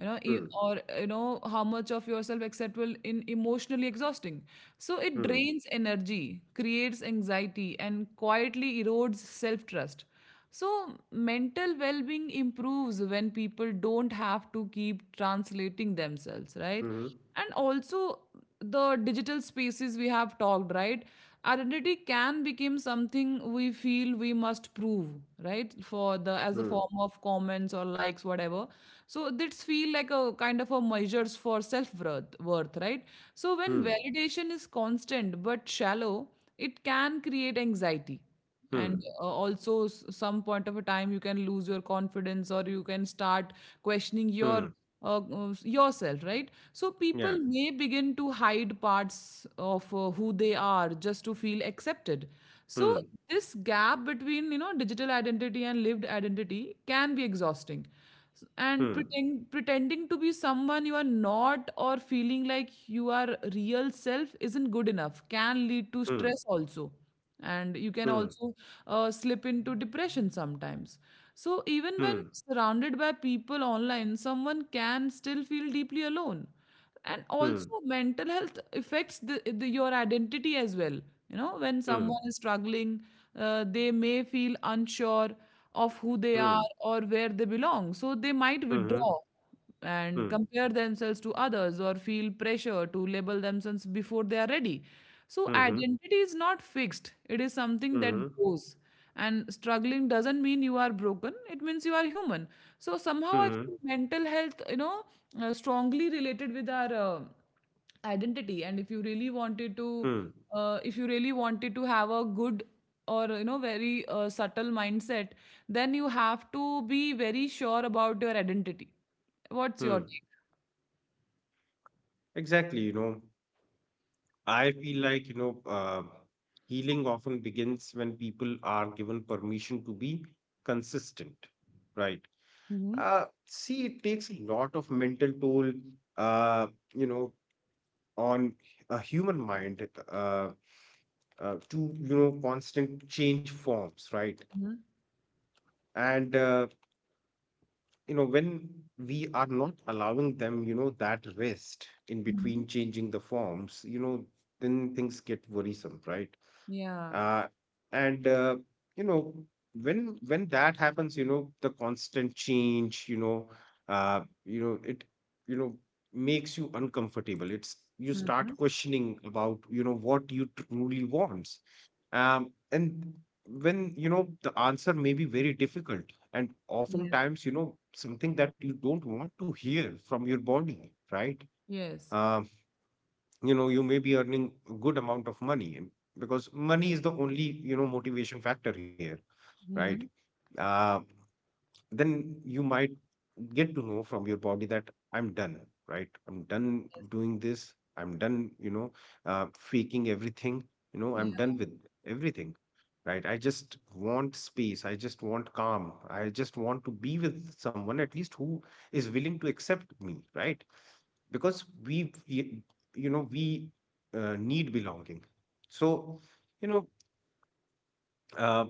you know e- Hmm. or you know how much of yourself acceptable in emotionally exhausting. So it Hmm. drains energy, creates anxiety, and quietly erodes self trust. So, mental well being improves when people don't have to keep translating themselves, right? Hmm. And also, the digital spaces we have talked, right? Identity can become something we feel we must prove, right? For the as a Hmm. form of comments or likes, whatever. So this feel like a kind of a measures for self worth, worth, right? So when Hmm. validation is constant but shallow, it can create anxiety, and Hmm. Also some point of a time you can lose your confidence, or you can start questioning your Hmm. Yourself, right? So people Yeah. may begin to hide parts of who they are just to feel accepted. So Hmm. this gap between, you know, digital identity and lived identity can be exhausting. Hmm. And pretending to be someone you are not, or feeling like you are real self isn't good enough, can lead to Hmm. stress also. And you can Hmm. also slip into depression sometimes. So even when Hmm. surrounded by people online, someone can still feel deeply alone. And Hmm. also mental health affects the your identity as well. You know, when Hmm. someone is struggling, they may feel unsure of who they Hmm. are or where they belong, so they might withdraw, Mhm. and Hmm. compare themselves to others, or feel pressure to label themselves before they are ready. So, Mhm. identity is not fixed, it is something that Mhm. goes. And struggling doesn't mean you are broken, it means you are human. So, somehow, I Mhm. feel mental health, you know, strongly related with our identity. And if you really wanted to, Hmm. If you really wanted to have a good, or you know, very subtle mindset, then you have to be very sure about your identity. What's your Hmm. take? Exactly. I feel like, healing often begins when people are given permission to be consistent, right? Mhm, See, it takes a lot of mental toll, uh, you know, on a human mind. To constant change forms, right. mhm, And when we are not allowing them, that rest in mhm. between changing the forms, then things get worrisome, right. Yeah. Uh, and uh, you know when that happens, the constant change, you know it you know makes you uncomfortable. It's you start Mhm. questioning about what you truly want. And when the answer may be very difficult, and Yes. oftentimes something that you don't want to hear from your body, right? Yes. Um, you may be earning a good amount of money, and because money is the only motivation factor here, right? Mhm. Uh, then you might get to know from your body that I'm done, right? I'm done doing this. I'm done, faking everything. I'm Yeah. done with everything, right? I just want space. I just want calm. I just want to be with someone at least who is willing to accept me, right? Because we need belonging. So, you know, uh,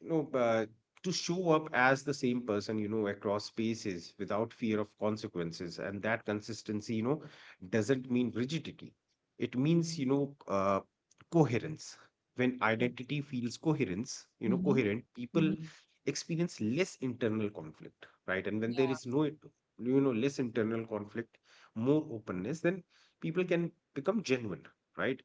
you know, uh, to show up as the same person, across spaces without fear of consequences. And that consistency, doesn't mean rigidity. It means, coherence. When Yes. identity feels Mhm. coherent, Mhm. people experience less internal conflict, right? And when there Yeah. is no, less internal conflict, more openness, then people can become genuine, right?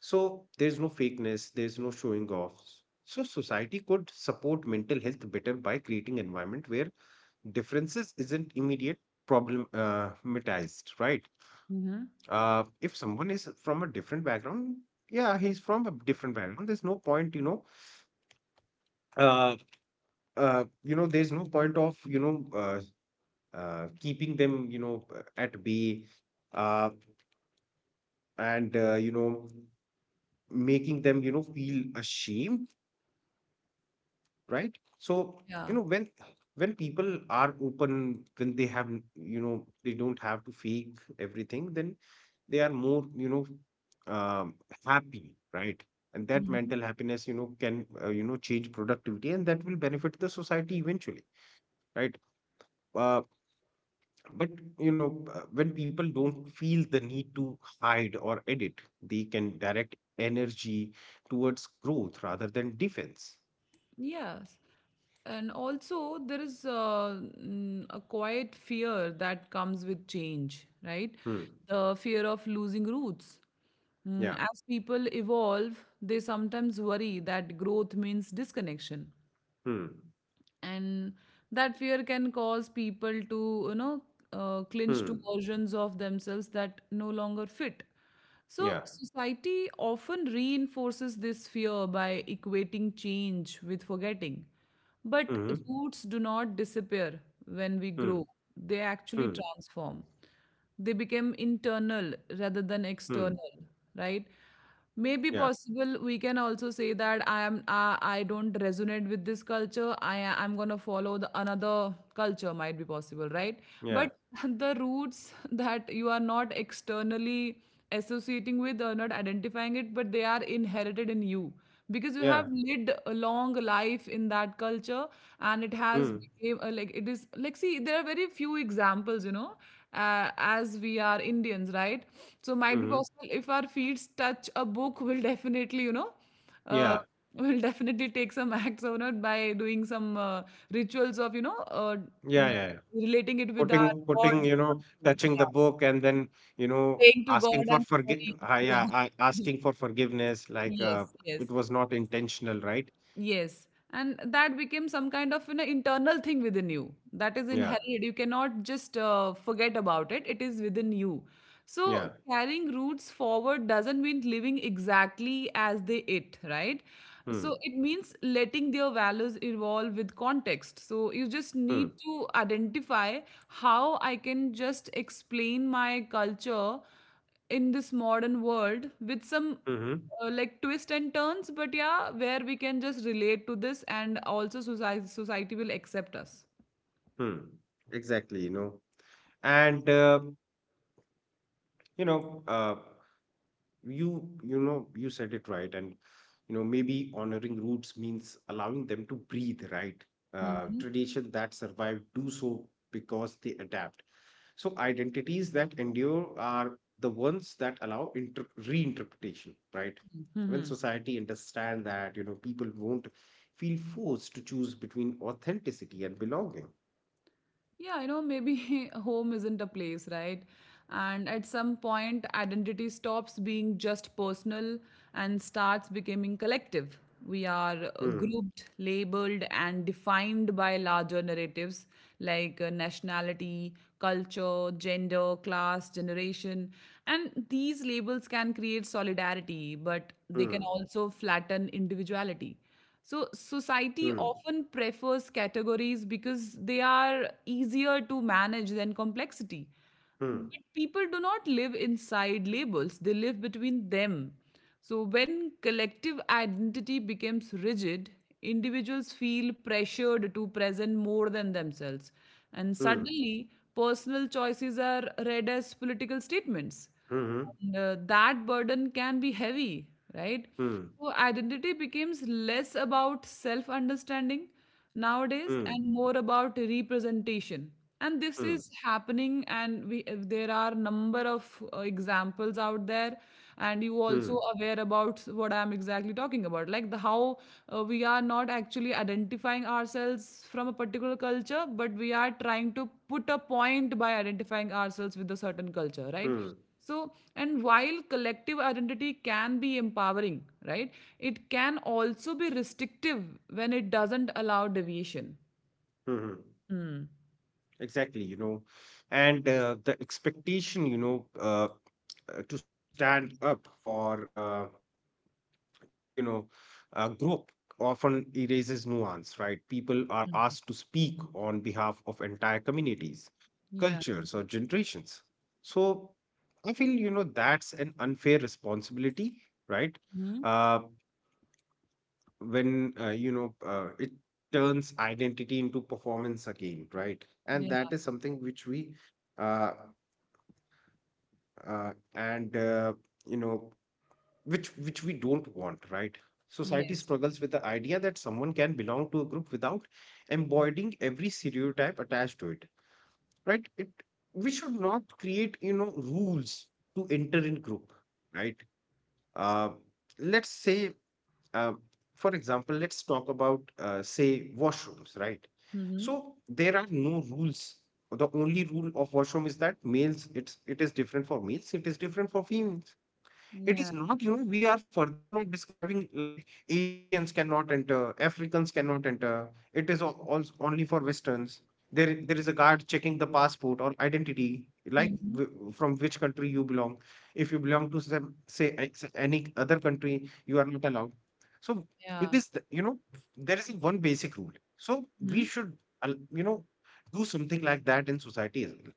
So there's no fakeness, there's no showing offs. So society could support mental health better by creating environment where differences isn't immediate problematized, right? Mhm. If someone is from a different background, yeah, he's from a different background. There's no point, uh, there's no point of, keeping them, at bay, uh, and making them, feel ashamed, right. So Yeah. When people are open, when they have they don't have to fake everything, then they are more um, happy, right. And that Mhm. mental happiness can change productivity, and that will benefit the society eventually, right. Uh, but when people don't feel the need to hide or edit, they can direct energy towards growth rather than defense. Yes. And also, there is a quiet fear that comes with change, right? Hmm. The fear of losing roots. Mm, Yeah. as people evolve, they sometimes worry that growth means disconnection. Hmm. And that fear can cause people to, you know, clinch to Hmm. versions of themselves that no longer fit. So Yeah. society often reinforces this fear by equating change with forgetting. But Mm-hmm. roots do not disappear when we Mm. grow, they actually Mm. transform. They became internal rather than Mm. external, right? Maybe Yeah. possible we can also say that I don't resonate with this culture. I'm gonna follow the another culture, might be possible, right? Yeah. But the roots that you are not externally associating with or not identifying it, but they are inherited in you, because you have Yeah. lived a long life in that culture, and it has Mm. became a, like it is like, see, there are very few examples, you know, as we are indians, right? So might be Mm-hmm. possible if our feet touch a book, we'll definitely, you know, uh, Yeah. will definitely take some acts on it by doing some rituals of, you know, n- Yeah. Yeah. Yeah. relating it with our Putting, gods or something, touching the yeah. book and then, Praying to asking god for and sorry. Yeah. Asking for forgiveness, like, Yes, yes. it was not intentional, right? Yes. And that became some kind of an internal thing within you that is Yeah. inherited. You cannot just forget about it, it is within you. So, Yeah. carrying roots forward doesn't mean living exactly as they it, right? So, Hmm. it means letting their values evolve with context. So, you just need Mm. to identify how I can just explain my culture in this modern world with some Mm-hmm. Like twists and turns, but yeah, where we can just relate to this and also society will accept us. Mm. Exactly. And you know, uh, you said it right. And maybe honoring roots means allowing them to breathe, right. uh, Mhm. tradition that survive do so because they adapt. So identities that endure are the ones that allow reinterpretation, right. When Mhm. society understand that people won't feel forced to choose between authenticity and belonging. Yeah, you know, maybe home isn't a place, right? And at some point, identity stops being just personal and starts becoming collective. We are Hmm. grouped, labeled, and defined by larger narratives like nationality, culture, gender, class, generation. And these labels can create solidarity, but they can Hmm. also flatten individuality. So, society Hmm. often prefers categories because they are easier to manage than complexity. But Hmm. people do not live inside labels, they live between them. So, when collective identity becomes rigid, individuals feel pressured to present more than themselves. And Hmm. suddenly, personal choices are read as political statements, Hmm. and that burden can be heavy, right? Hmm. So identity becomes less about self understanding nowadays, Hmm. and more about representation. And this is Hmm. happening, and we there are number of examples out there. And you also Hmm. aware about what I'm exactly talking about, like the how we are not actually identifying ourselves from a particular culture, but we are trying to put a point by identifying ourselves with a certain culture, right? Hmm. So, and while collective identity can be empowering, right, it can also be restrictive when it doesn't allow deviation. Hmm. Hmm. Exactly, you know, and the expectation, to stand up for, you know, a group, often erases nuance, right? People are Mm. asked to speak on behalf of entire communities, Yeah. cultures, or generations. So I feel, that's an unfair responsibility, right? Hmm. Uh, when it turns identity into performance again, right. And Yeah. that is something which we uh, and you know which we don't want, right. Society Yes. struggles with the idea that someone can belong to a group without embodying every stereotype attached to it, right. it We should not create rules to enter in group, right. Uh, let's say, uh, for example, let's talk about, say, washrooms, right? Hmm. So there are no rules. The only rule of washroom is that males, it is different for males, it is different for females. Yeah. It is not, we are further not describing like Asians cannot enter, Africans cannot enter. It is all, only for Westerns. There is a guard checking the passport or identity, like Hmm. From which country you belong. If you belong to some, say, any other country, you are not allowed. So it Yeah. is, there is one basic rule. So Hmm. we should, al- you know, do something like that in society as well.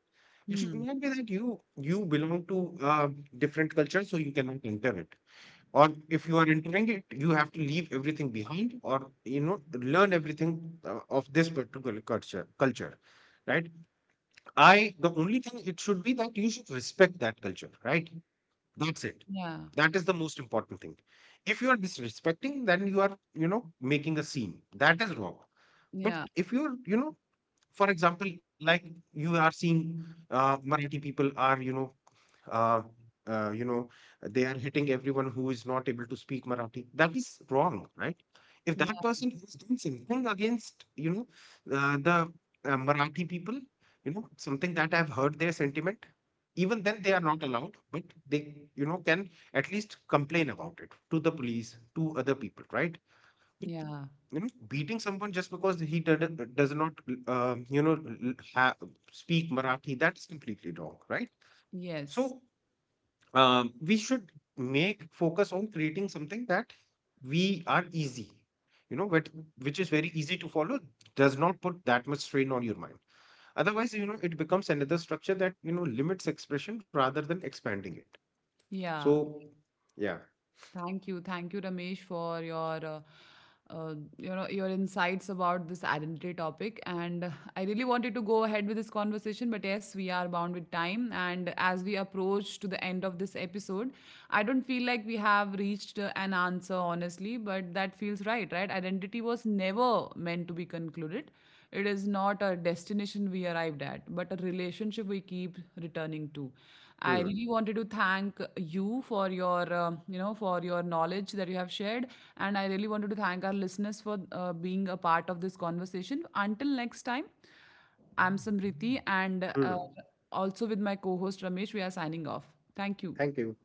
It should Hmm. not be that you belong to a different culture, so you cannot enter it. Or if you are entering it, you have to leave everything behind, or learn everything, of this particular culture, right? I the only thing it should be that you should respect that culture, right? That's it. Yeah. That is the most important thing. If you are disrespecting, then you are making a scene. That is wrong. But Yeah. if you are, for example, like, you are seeing, Marathi people are, uh, uh, you know, they are hitting everyone who is not able to speak Marathi. That is wrong, right? If Yeah. that person has done something against, the Marathi people, something that I've heard their sentiment, even then they are not allowed. But they, can at least complain about it to the police, to other people, right? But, Yeah. Beating someone just because he did, does not, uh, you know, l- ha- speak Marathi, that is completely wrong, right? Yes. So, we should make focus on creating something that we are easy, but which is very easy to follow, does not put that much strain on your mind. Otherwise it becomes another structure that limits expression rather than expanding it. Yeah. So, yeah. Thank you. Thank you, Ramesh, for your you know, your insights about this identity topic. And I really wanted to go ahead with this conversation, but yes, we are bound with time. And as we approach to the end of this episode, I don't feel like we have reached an answer, honestly, but that feels right, right? Identity was never meant to be concluded. It is not a destination we arrived at, but a relationship we keep returning to. I Hmm. really wanted to thank you for your, um, you know, for your knowledge that you have shared, and I really wanted to thank our listeners for being a part of this conversation. Until next time, I'm Samriti, and Hmm. also with my co-host Ramesh, we are signing off. Thank you. Thank you.